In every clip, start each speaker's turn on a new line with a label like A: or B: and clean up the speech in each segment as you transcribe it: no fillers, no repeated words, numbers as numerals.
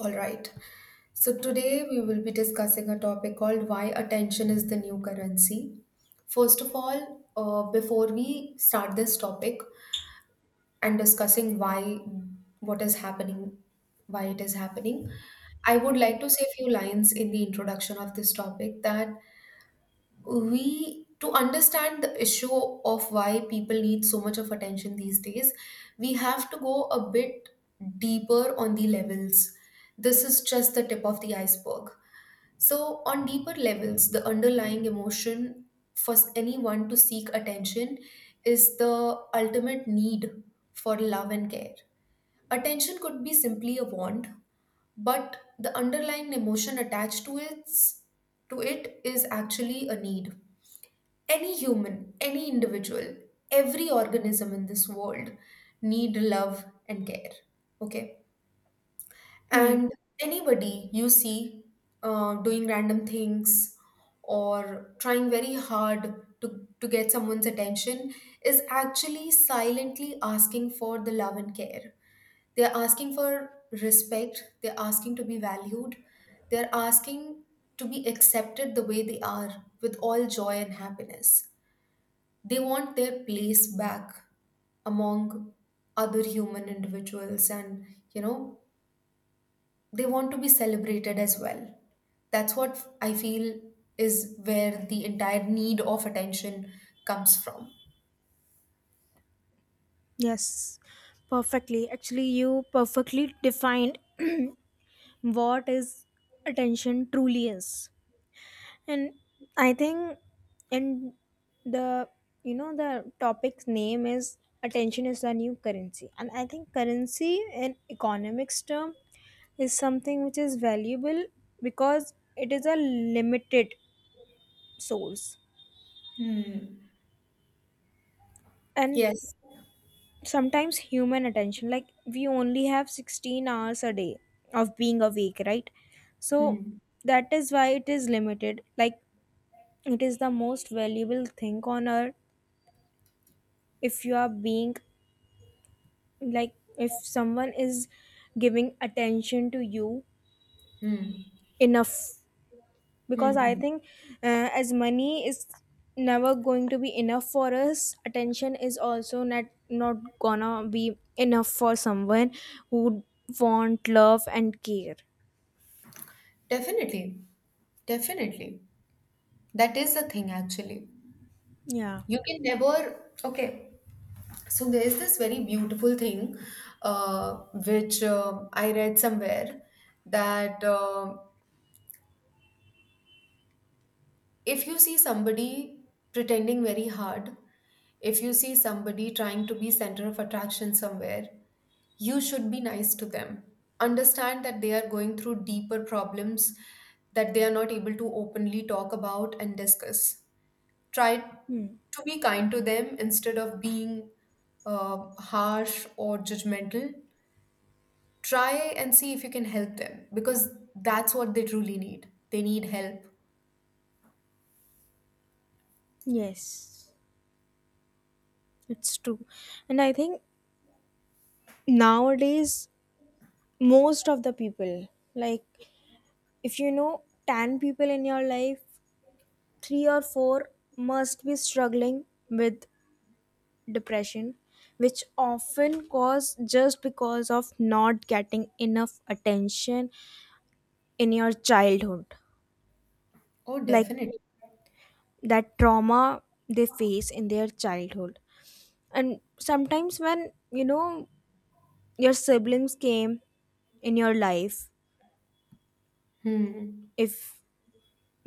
A: All right. So today we will be discussing a topic called why attention is the new currency. First of all, before we start this topic and discussing why, what is happening, why it is happening, I would
B: Hmm.
A: like to say a few lines in the introduction of this topic that we to understand the issue of why people need so much of attention these days, we have to go a bit deeper on the levels. This is just the tip of the iceberg. So on deeper levels, the underlying emotion for anyone to seek attention is the ultimate need for love and care. Attention could be simply a want, but the underlying emotion attached to it is actually a need. Any human, any individual, every organism in this world need love and care. Okay.
B: Hmm.
A: And anybody you see doing random things or trying very hard to get someone's attention is actually silently asking for the love and care. They're asking for respect, they're asking to be valued, they're asking to be accepted the way they are with all joy and happiness. They want their place back among other human individuals and, you know, they want to be celebrated as well. That's what I feel is where the entire need of attention comes from.
B: Yes, perfectly. Actually, you perfectly defined what is attention truly is. And I think, in the you know the topic's name is attention is the new currency, and I think currency in economics term is something which is valuable because it is a limited source.
A: Hmm.
B: And
A: Yes.
B: sometimes human attention, like, we only have 16 hours a day of being awake, right? So
A: Hmm.
B: that is why it is limited, like it is the most valuable thing on earth. If you are being, like, if someone is giving attention to you
A: Hmm.
B: enough.
A: Hmm.
B: Because I
A: Hmm.
B: think as money is never going to be enough for us, attention is also not gonna be enough for someone who want love and care.
A: Definitely. Definitely. That is the thing, actually.
B: Yeah.
A: You can never, okay. So there's this very beautiful thing, uh, which I read somewhere that if you see somebody pretending very hard, if you see somebody trying to be center of attraction somewhere, you should be nice to them. Understand that they are going through deeper problems that they are not able to openly talk about and discuss. Try to be kind to them instead of being harsh or judgmental. Try and see if you can help them because that's what they truly need. They need help.
B: Yes, it's true. And I think nowadays most of the people, like, if you know 10 people in your life, 3 or 4 must be struggling with depression, which often cause just because of not getting enough attention in your childhood.
A: Oh,
B: Like,
A: definitely.
B: that trauma they face in their childhood. And sometimes when, your siblings came in your life,
A: Hmm.
B: if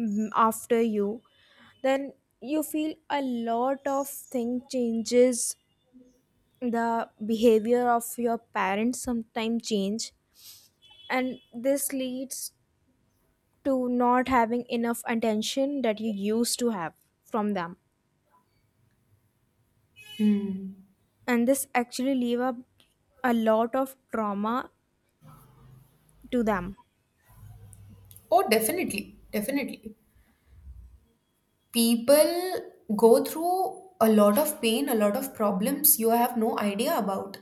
B: mm, after you, then you feel a lot of thing changes, the behavior of your parents sometimes change, and this leads to not having enough attention that you used to have from them.
A: Hmm.
B: And this actually leave up a lot of trauma to them.
A: Oh, definitely. Definitely. People go through a lot of pain, a lot of problems you have no idea about.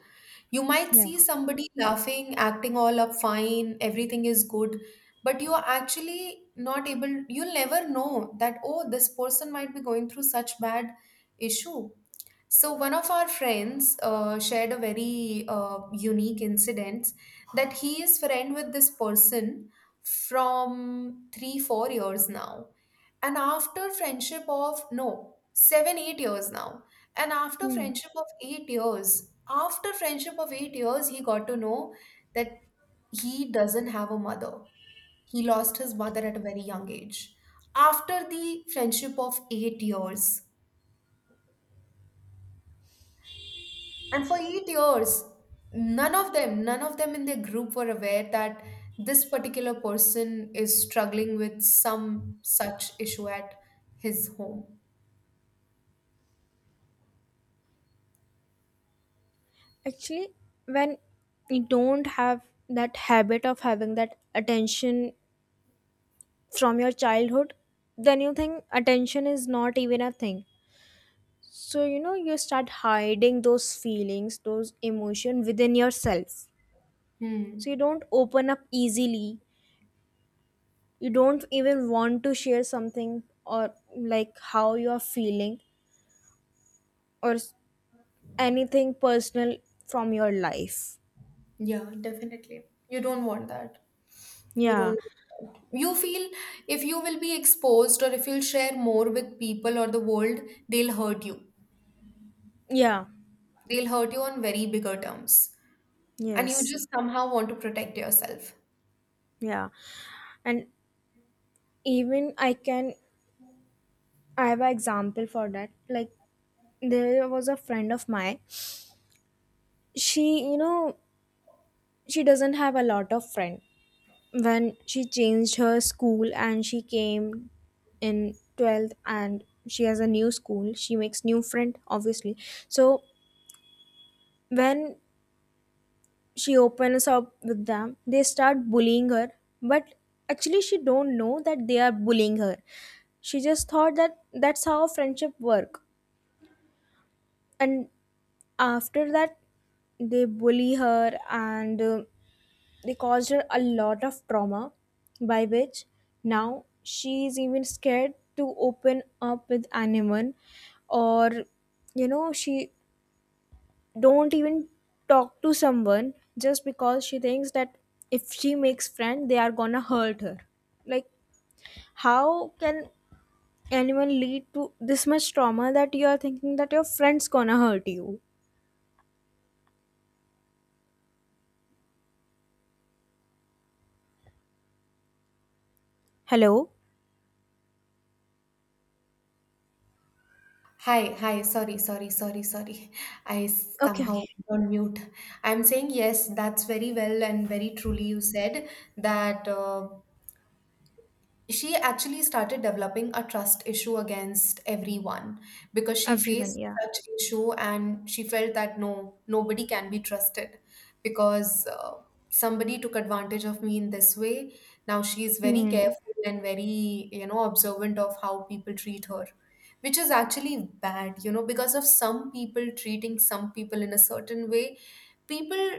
A: You might
B: Yeah.
A: see somebody laughing, acting all up fine, everything is good, but you are actually not able, you'll never know that, oh, this person might be going through such bad issue. So one of our friends shared a very unique incident, that he is friend with this person from 3-4 years now, and after friendship of no 7-8 years now, and after
B: Hmm.
A: friendship of 8 years, after friendship of 8 years, he got to know that he doesn't have a mother. He lost his mother at a very young age. After the friendship of 8 years. And for 8 years, none of them in their group were aware that this particular person is struggling with some such issue at his home.
B: Actually, when you don't have that habit of having that attention from your childhood, then you think attention is not even a thing. So you start hiding those feelings, those emotion within yourself.
A: Hmm.
B: So you don't open up easily. You don't even want to share something, or like how you are feeling, or anything personal from your life.
A: Yeah, definitely. You don't want that. You
B: Yeah.
A: don't. You feel if you will be exposed or if you'll share more with people or the world, they'll hurt you.
B: Yeah.
A: They'll hurt you on very bigger terms. And you
B: Yes.
A: just somehow want to protect yourself.
B: Yeah. And even, I have an example for that. Like, there was a friend of mine. She, you know she doesn't have a lot of friend. When she changed her school and she came in 12th and she has a new school, she makes new friend, obviously. So when she opens up with them, they start bullying her. But actually, she don't know that they are bullying her. She just thought that that's how friendship work. And after that, they bully her, and they caused her a lot of trauma, by which now she is even scared to open up with anyone. Or, she don't even talk to someone, just because she thinks that if she makes friend, they are gonna hurt her. Like, how can anyone lead to this much trauma that you are thinking that your friend's gonna hurt you? Hello.
A: Hi, hi, sorry, sorry, sorry, sorry. I
B: Okay,
A: somehow
B: okay.
A: went on mute. I'm saying yes, that's very well and very truly you said that she actually started developing a trust issue against everyone because she
B: Everyone,
A: faced
B: yeah.
A: such issue and she felt that no nobody can be trusted, because somebody took advantage of me in this way. Now she is very
B: Hmm.
A: careful and very, you know, observant of how people treat her, which is actually bad, you know, because of some people treating some people in a certain way, people,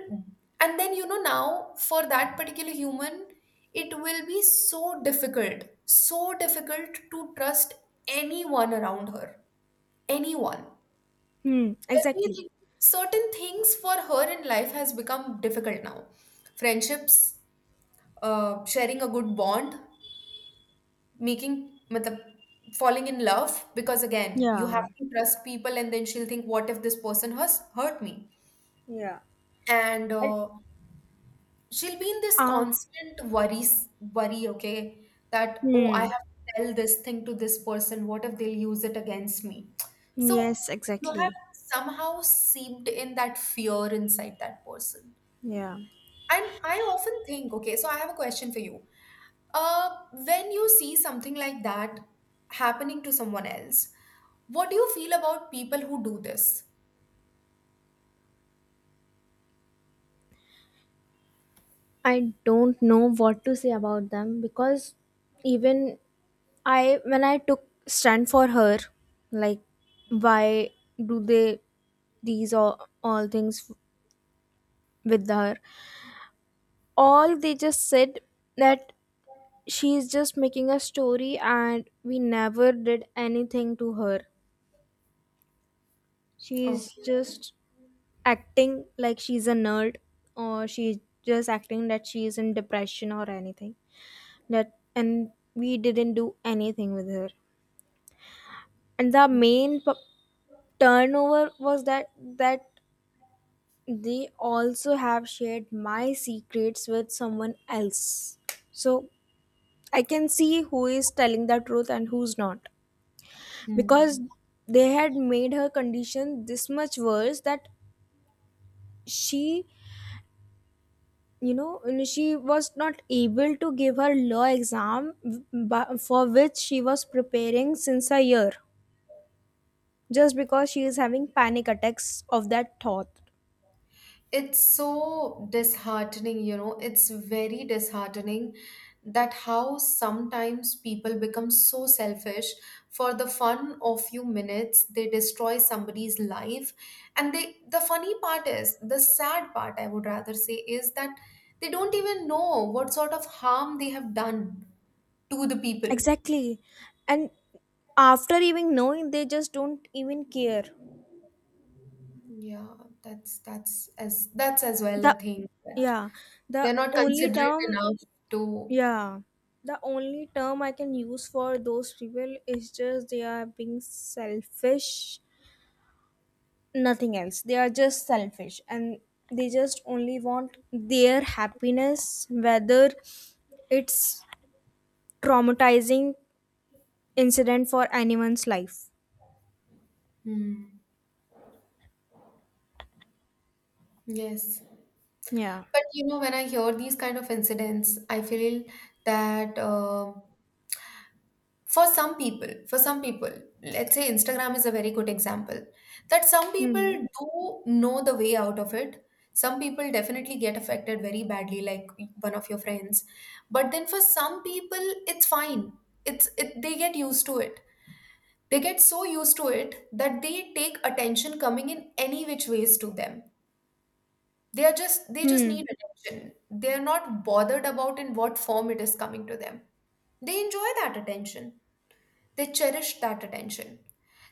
A: and then, you know, now for that particular human, it will be so difficult to trust anyone around her. Anyone.
B: Hmm. Exactly.
A: Everything. Certain things for her in life has become difficult now. Friendships, sharing a good bond, making, matlab, falling in love, because again, you have
B: Yeah.
A: to trust people and then she'll think, what if this person has hurt me?
B: Yeah.
A: And
B: And,
A: she'll be in this
B: ah,
A: constant worries worry, okay, that oh, I
B: hmm,
A: have to tell this thing to this person, what if they'll use it against me. So
B: yes,
A: you have
B: exactly.
A: somehow seeped in that fear inside that person.
B: Yeah.
A: And I often think, okay, so I have a question for you. uh when you see something like that happening to someone else, what do you feel about people who do this?
B: I don't know what to say about them. Because even I when I took stand for her, like, why do they, these all things with her? All they just said that she is just making a story and we never did anything to her. She's
A: Okay.
B: just acting like she's a nerd, or she's just acting that she is in depression or anything. That and we didn't do anything with her. And the main turnover was that they also have shared my secrets with someone else, so I can see who is telling the truth and who's not.
A: Hmm.
B: Because they had made her condition this much worse that she, she was not able to give her law exam, for which she was preparing since a year, just because she is having panic attacks of that thought.
A: It's so disheartening, you know, it's very disheartening, that how sometimes people become so selfish, for the fun of few minutes they destroy somebody's life. And they, the funny part is, the sad part I would rather say is, that they don't even know what sort of harm they have done to the people.
B: Exactly. And after even knowing, they just don't even care.
A: Yeah, that's as well a
B: The
A: thing that
B: Yeah,
A: they're
B: the
A: not
B: only
A: considerate
B: term,
A: enough to.
B: yeah, the only term I can use for those people is just they are being selfish. Nothing else. They are just selfish, and they just only want their happiness, whether it's traumatizing incident for anyone's life.
A: Hmm, yes.
B: Yeah.
A: But you know, when I hear these kind of incidents, I feel that for some people, let's say Instagram is a very good example, that some
B: Hmm.
A: people do know the way out of it. Some people definitely get affected very badly, like one of your friends. But then for some people, it's fine. It's it, they get used to it. They get so used to it that they take attention coming in any which ways to them, they are just they just
B: Hmm.
A: need attention. They are not bothered about in what form it is coming to them. They enjoy that attention. They cherish that attention.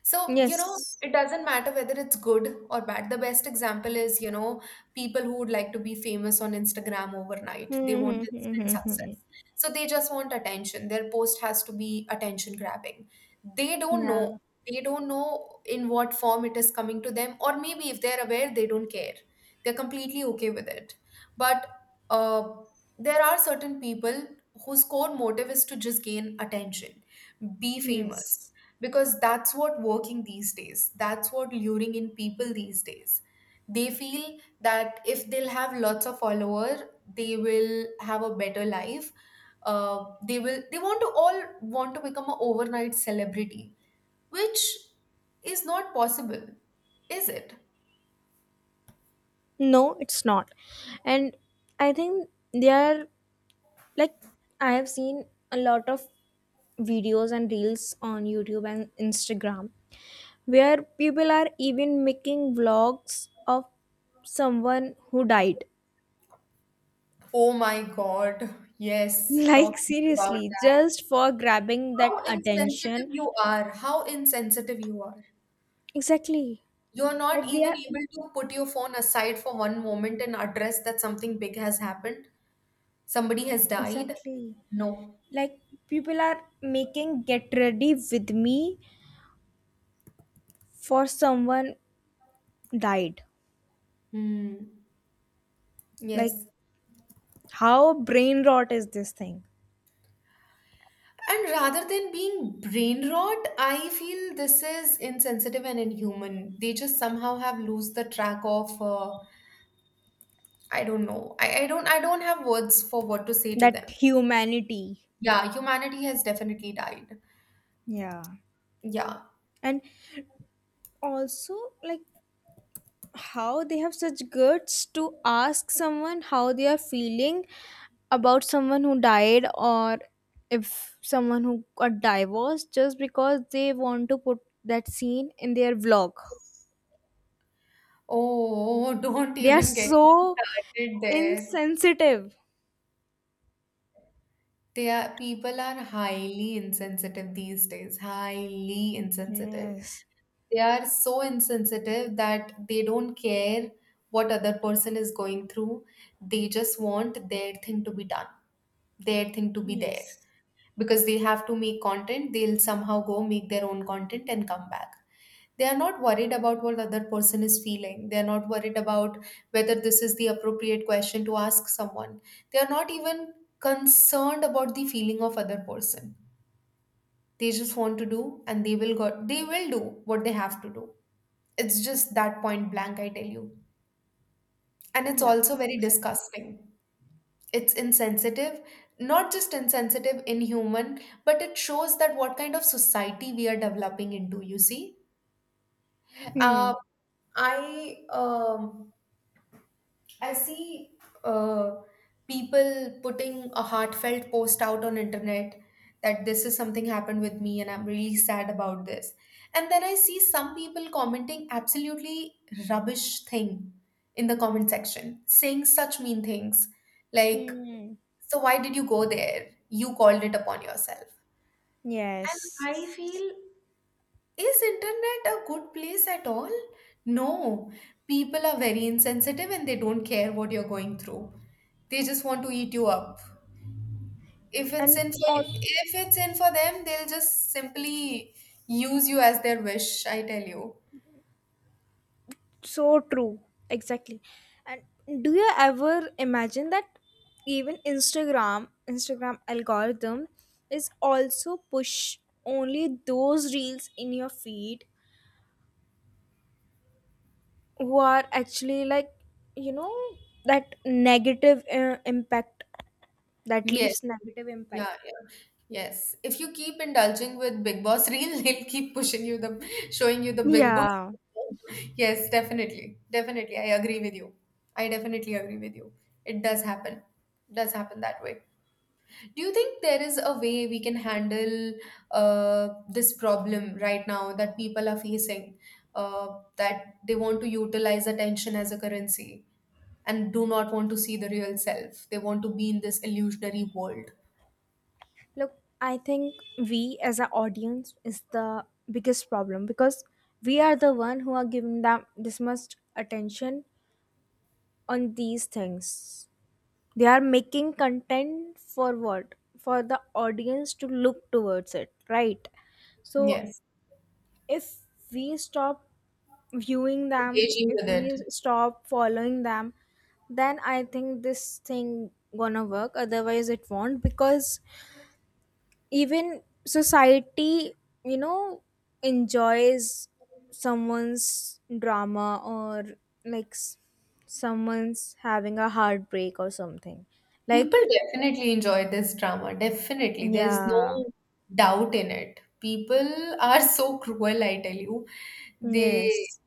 A: So, you know,
B: Yes.
A: it doesn't matter whether it's good or bad. The best example is, you know, people who would like to be famous on Instagram overnight. They want
B: Hmm. Hmm, hmm,
A: instant
B: hmm, hmm. Hmm.
A: success. So they just want attention. Their post has to be attention grabbing. They don't know.
B: Yeah.
A: They don't know in what form it is coming to them, or maybe if they're aware, they don't care. They're completely okay with it. But uh, there are certain people whose core motive is to just gain attention, be famous,
B: Yes.
A: because that's what working these days, that's what luring in people these days. They feel that if they'll have lots of follower, they will have a better life. They will, they want to all want to become an overnight celebrity, which is not possible, is it?
B: No, it's not. And I think they are, like, I have seen a lot of videos and reels on YouTube and Instagram where people are even making vlogs of someone who died.
A: Oh my god. Yes, talk
B: Like,
A: about
B: seriously,
A: that,
B: just for grabbing that
A: how insensitive
B: attention.
A: you are, how insensitive you are.
B: Exactly.
A: You're not
B: Like they
A: even
B: are
A: able to put your phone aside for one moment and address that something big has happened. Somebody has died.
B: Exactly.
A: No.
B: Like, people are making get ready with me for someone died.
A: Hmm.
B: Like,
A: Yes.
B: how brain rot is this thing?
A: And rather than being brain rot, I feel this is insensitive and inhuman. They just somehow have lose the track of I don't know. I don't, I don't have words for what to say to
B: That
A: them.
B: humanity.
A: Yeah, humanity has definitely died.
B: Yeah.
A: Yeah.
B: And also, like, how they have such guts to ask someone how they are feeling about someone who died, or if someone who got divorced, just because they want to put that scene in their vlog.
A: Oh, don't
B: They are
A: even get me
B: so
A: started there.
B: insensitive.
A: They are, people are highly insensitive these days, highly insensitive.
B: Yes.
A: They are so insensitive that they don't care what other person is going through. They just want their thing to be done, their thing to be there.
B: Yes.
A: Because they have to make content, they'll somehow go make their own content and come back. They are not worried about what other person is feeling. They are not worried about whether this is the appropriate question to ask someone. They are not even concerned about the feeling of other person. They just want to do and they will got they will do what they have to do. It's just that point blank I tell you. And it's
B: Yeah,
A: also very
B: exactly.
A: disgusting. It's insensitive, not just insensitive, inhuman. But it shows that what kind of society we are developing into, you see. uh,
B: Hmm.
A: i um, I see uh, people putting a heartfelt post out on internet, that this is something happened with me and I'm really sad about this. And then I see some people commenting absolutely rubbish thing in the comment section, saying such mean things like,
B: Hmm.
A: so why did you go there? You called it upon yourself. And I
B: Yes.
A: feel, is internet a good place at all? No. People are very insensitive and they don't care what you're going through, they just want to eat you up. If it's
B: And,
A: in for,
B: oh,
A: if it's in for them, they'll just simply use you as their wish, I tell you.
B: so true. Exactly. And do you ever imagine that even Instagram algorithm is also push only those reels in your feed, who are actually, like, you know that negative impact, that
A: Yes,
B: leaves negative impact.
A: yeah, yeah. Yes. If you keep indulging with Big Boss reel, they'll keep pushing you the showing you the Big Boss.
B: Yeah.
A: Yes, definitely. Definitely. I agree with you. I definitely agree with you. It does happen. Does happen that way. Do you think there is a way we can handle this problem right now that people are facing, that they want to utilize attention as a currency and do not want to see the real self? They want to be in this illusionary world.
B: Look, I think we as an audience is the biggest problem, because we are the one who are giving them this much attention on these things. They are making content for what? For the audience to look towards it, right? So
A: Yes,
B: if we stop viewing them,
A: engaging with
B: if
A: it.
B: we stop following them, then I think this thing gonna work. Otherwise, it won't. Because even society, you know enjoys someone's drama, or like someone's having a heartbreak or something. Like,
A: People definitely enjoy this drama, definitely. There's
B: yeah,
A: no doubt in it. People are so cruel, I tell you. They
B: yes,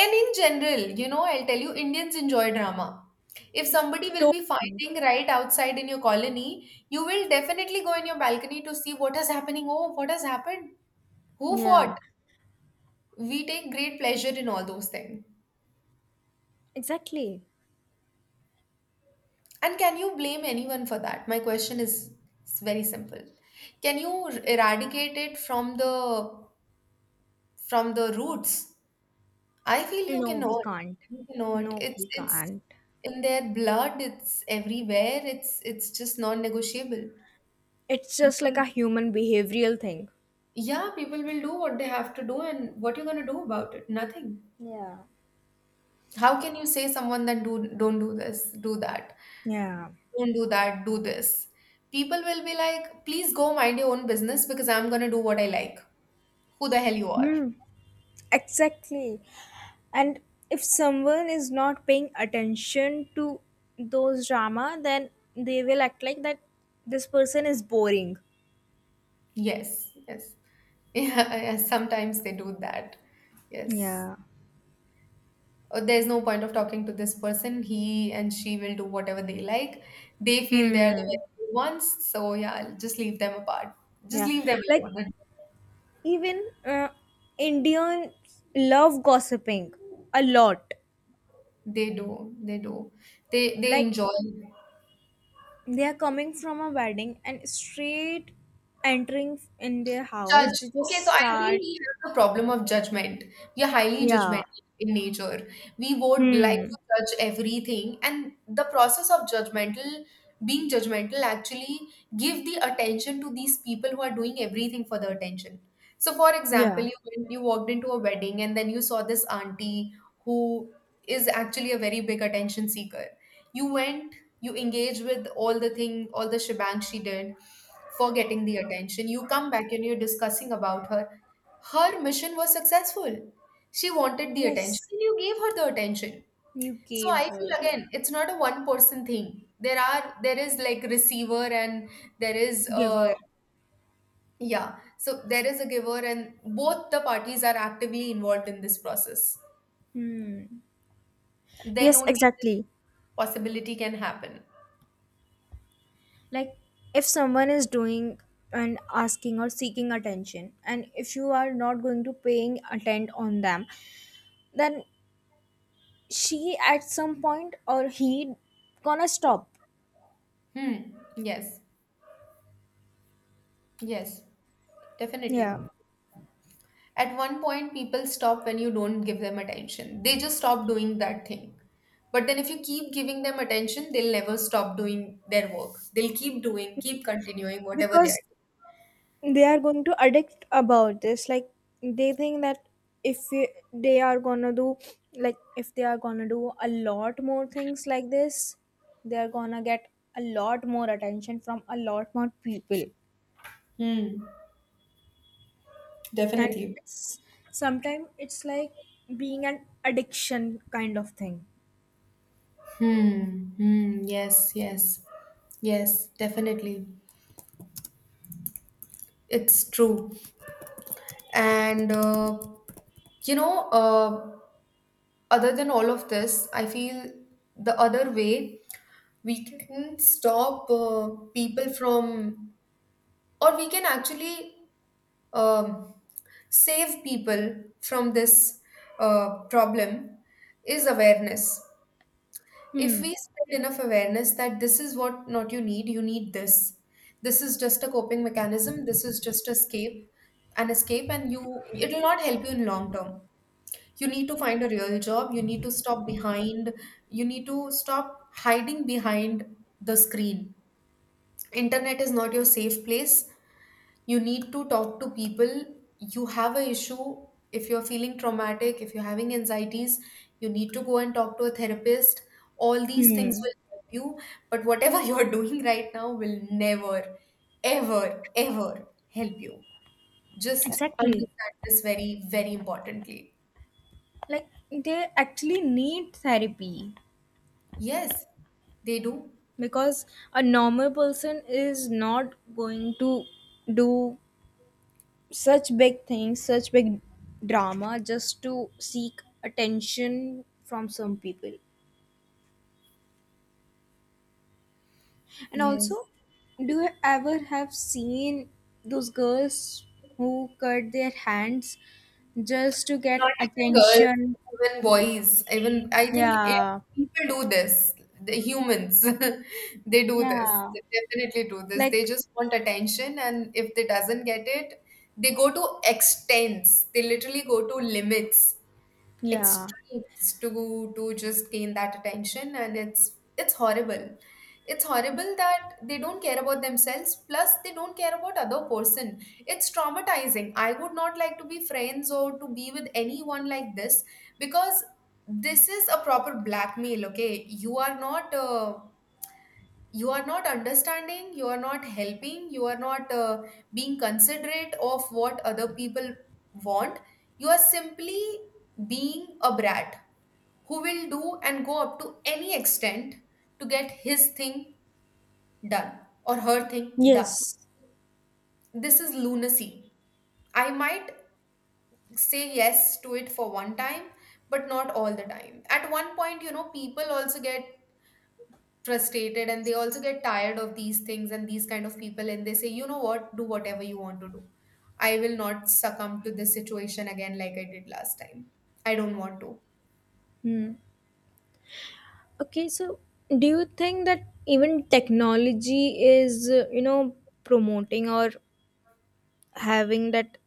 A: And in general, you know, I'll tell you, Indians enjoy drama. If somebody will
B: to-
A: be fighting right outside in your colony, you will definitely go in your balcony to see what is happening. Oh, what has happened? Who fought?
B: yeah,
A: We take great pleasure in all those things.
B: exactly.
A: And can you blame anyone for that? My question is very simple. Can you eradicate it from the roots? I feel you
B: No, we
A: cannot.
B: can't.
A: You cannot.
B: No,
A: It's
B: we
A: it's
B: can't.
A: in their blood, it's everywhere. It's just non-negotiable.
B: It's just
A: People,
B: like a human behavioral thing.
A: yeah, people will do what they have to do, and what you're gonna do about it? Nothing.
B: Yeah.
A: How can you say someone that do don't do this, do that,
B: Yeah.
A: don't do that, do this? People will be like, please go mind your own business because I'm gonna do what I like. Who the hell you are?
B: Hmm, exactly. And if someone is not paying attention to those drama, then they will act like that this person is boring.
A: Yes, yes. Yeah, yeah, sometimes they do that. Yes.
B: Yeah.
A: There's no point of talking to this person. He and she will do whatever they like. They feel they are the
B: Hmm.
A: very good ones. So yeah, just leave them apart. Just
B: Yeah.
A: leave them
B: Like,
A: alone.
B: even uh, Indians love gossiping a lot.
A: They do. They do. They
B: Like,
A: enjoy.
B: they are coming from a wedding and straight entering in their house,
A: Judge.
B: they
A: Okay,
B: just
A: so I feel
B: start.
A: we have the problem of judgment. We are highly
B: Yeah.
A: judgmental in nature. We would like to
B: Hmm.
A: judge everything, and the process of judgmental being judgmental actually give the attention to these people who are doing everything for the attention. So, for example,
B: Yeah.
A: you went, you walked into a wedding and then you saw this auntie who is actually a very big attention seeker. You went you engage with all the shebang she did for getting the attention. You come back and you're discussing about her. Her mission was successful. She wanted the attention,
B: Yes.
A: and you gave her the attention.
B: You
A: So I
B: gave
A: feel
B: her.
A: again, it's not a one person thing. There is like receiver, and there is
B: Give
A: a,
B: her.
A: yeah, so there is a giver, and both the parties are actively involved in this process.
B: Hmm.
A: Then
B: Yes,
A: only this
B: exactly.
A: possibility can happen.
B: Like, if someone is doing and asking or seeking attention, and if you are not going to paying attend on them, then she, at some point, or he, gonna stop.
A: Hmm. Yes, yes, definitely.
B: Yeah,
A: At one point, people stop when you don't give them attention. They just stop doing that thing. But then, if you keep giving them attention, they'll never stop doing their work. They'll keep continuing whatever they are
B: because they are going to addict about this. Like, they think that if we- they are gonna do, like, if they are gonna do a lot more things like this, they are gonna get a lot more attention from a lot more people.
A: doing. Hmm,
B: And
A: definitely.
B: it's, sometimes it's like being an addiction kind of thing.
A: Hmm. Hmm. Yes. Yes. Yes. Definitely. It's true. And you know, uh, other than all of this, I feel the other way we can stop people from, or we can actually um, save people from this problem is awareness. If
B: Hmm.
A: we spread enough awareness that this is what not you need, you need this. This is just a coping mechanism. This is just an escape, and you it will not help you in long term. You need to find a real job. You need to stop behind. You need to stop hiding behind the screen. Internet is not your safe place. You need to talk to people. You have a issue. If you're feeling traumatic, if you're having anxieties, you need to go and talk to a therapist. All these things
B: Hmm.
A: will help you, but whatever you're doing right now will never, ever, ever help you. Just
B: Exactly.
A: understand this very, very importantly.
B: Like, they actually need therapy.
A: Yes, they do.
B: Because a normal person is not going to do such big things, such big drama, just to seek attention from some people. And
A: Yes.
B: also, do you ever have seen those girls who cut their hands just to
A: Not
B: get
A: even girls,
B: attention?
A: even boys, even I think,
B: Yeah.
A: people do this. The humans, they do this.
B: Yeah.
A: They definitely do this. They
B: Like,
A: just want attention, and if they doesn't get it, they go to extents. They literally go to limits
B: yeah.
A: extremes to just gain that attention, and it's horrible. It's horrible that they don't care about themselves, plus they don't care about other person. It's traumatizing. I would not like to be friends or to be with anyone like this, because this is a proper blackmail. Okay, you are not understanding, you are not helping, you are not being considerate of what other people want. You are simply being a brat who will do and go up to any extent to get his thing done, or her thing done.
B: Yes.
A: This is lunacy. I might say yes to it for one time, but not all the time. At one point, people also get frustrated and they also get tired of these things and these kind of people, and they say, you know what, do whatever you want to do. I will not succumb to this situation again like I did last time. I don't want to.
B: Hmm. Okay, so do you think that even technology is, promoting, or having that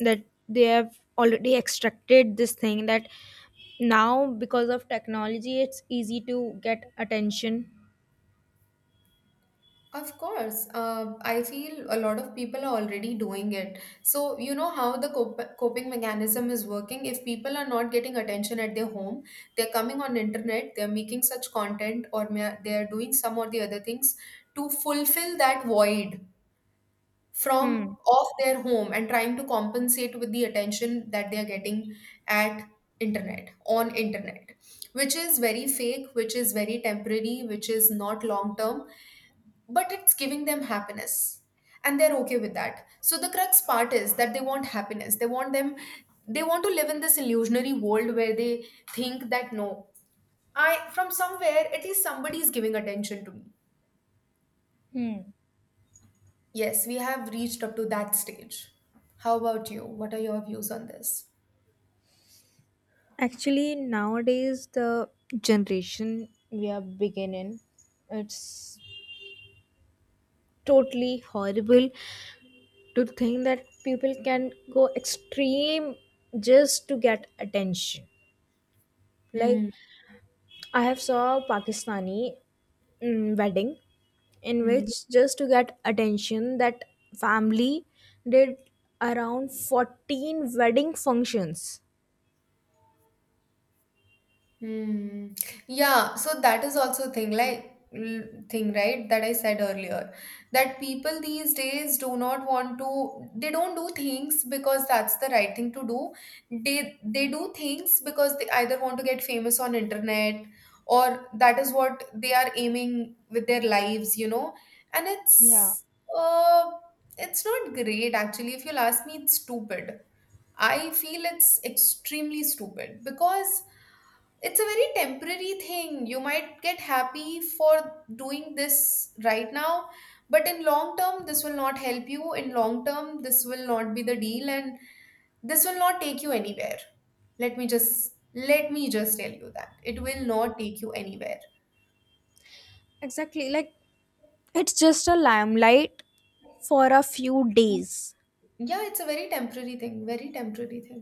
B: that they have already extracted this thing that now, because of technology, it's easy to get attention?
A: Of course, I feel a lot of people are already doing it. So, you know how the coping mechanism is working. If people are not getting attention at their home, they're coming on internet, they're making such content, or they're doing some or the other things to fulfill that void from
B: Hmm.
A: off their home, and trying to compensate with the attention that they're getting at on internet, which is very fake, which is very temporary, which is not long term, but it's giving them happiness, and they're okay with that. So the crux part is that they want happiness, they want to live in this illusionary world where they think that no, I from somewhere at least somebody is giving attention to me.
B: Hmm.
A: Yes, we have reached up to that stage. How about you? What are your views on this?
B: Actually, nowadays the generation we are beginning, it's totally horrible to think that people can go extreme just to get attention. Like,
A: Hmm.
B: I have saw a Pakistani wedding, in which just to get attention, that family did around 14 wedding functions.
A: Hmm. Yeah, so that is also thing like thing, right, that I said earlier that people these days do not want to they don't do things because that's the right thing to do. They do things because they either want to get famous on internet, or that is what they are aiming with their lives. And
B: Yeah.
A: uh it's not great actually. If you'll ask me, it's stupid. I feel it's extremely stupid because it's a very temporary thing. You might get happy for doing this right now, but in long term this will not help you. In long term this will not be the deal, and this will not take you anywhere. Let me just tell you that it will not take you anywhere.
B: Exactly. Like, it's just a limelight for a few days.
A: Yeah, it's a very temporary thing, very temporary thing.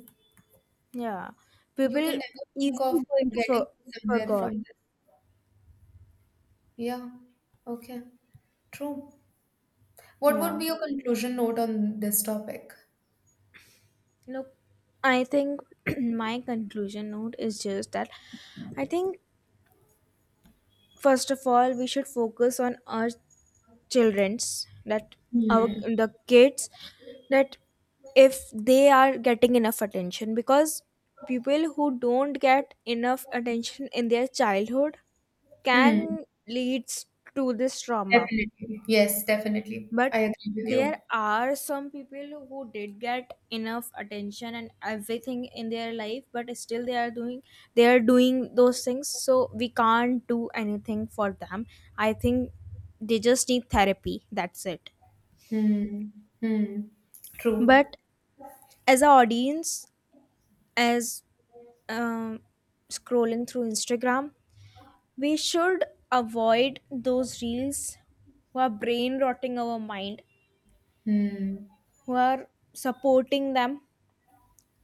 B: Yeah.
A: You can
B: People
A: never think of
B: easily going to
A: getting
B: for
A: somewhere from
B: forgot.
A: this. Yeah. Okay. True. What would
B: Yeah.
A: be your conclusion note on this topic?
B: Look, I think my conclusion note is just that, I think, first of all, we should focus on our childrens, that our
A: Hmm.
B: the kids, that if they are getting enough attention. Because people who don't get enough attention in their childhood
A: Hmm.
B: can leads to this trauma.
A: Definitely. Yes, definitely. I
B: But
A: agree with you.
B: there are some people who did get enough attention and everything in their life, but still they are doing, those things. So we can't do anything for them. I think they just need therapy, that's it.
A: Hmm. Hmm. True.
B: But as an audience, as um, scrolling through Instagram, we should avoid those reels who are brain rotting our mind,
A: Hmm.
B: who are supporting them,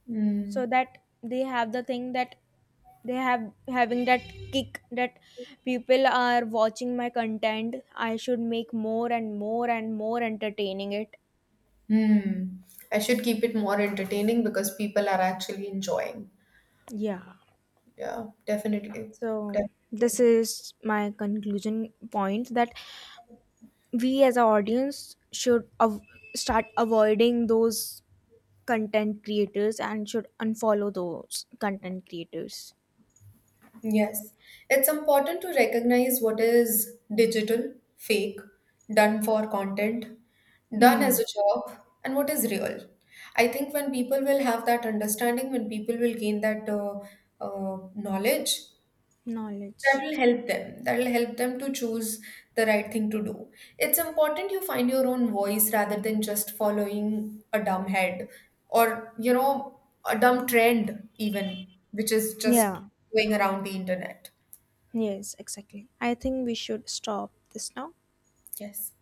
A: Hmm.
B: so that they have the thing, that they have having that kick, that people are watching my content, I should make more and more and more entertaining it.
A: Hmm. I should keep it more entertaining because people are actually enjoying.
B: Yeah.
A: Yeah, definitely.
B: So this
A: Definitely.
B: is my conclusion point, that we as an audience should start avoiding those content creators and should unfollow those content creators.
A: Yes. It's important to recognize what is digital, fake, done for content, done
B: Hmm.
A: as a job, and what is real. I think when people will have that understanding, when people will gain that knowledge, that
B: Knowledge.
A: will help them. That will help them to choose the right thing to do. It's important you find your own voice rather than just following a dumb head, or, a dumb trend, even, which is just
B: Yeah.
A: going around the internet.
B: Yes, exactly. I think we should stop this now.
A: Yes.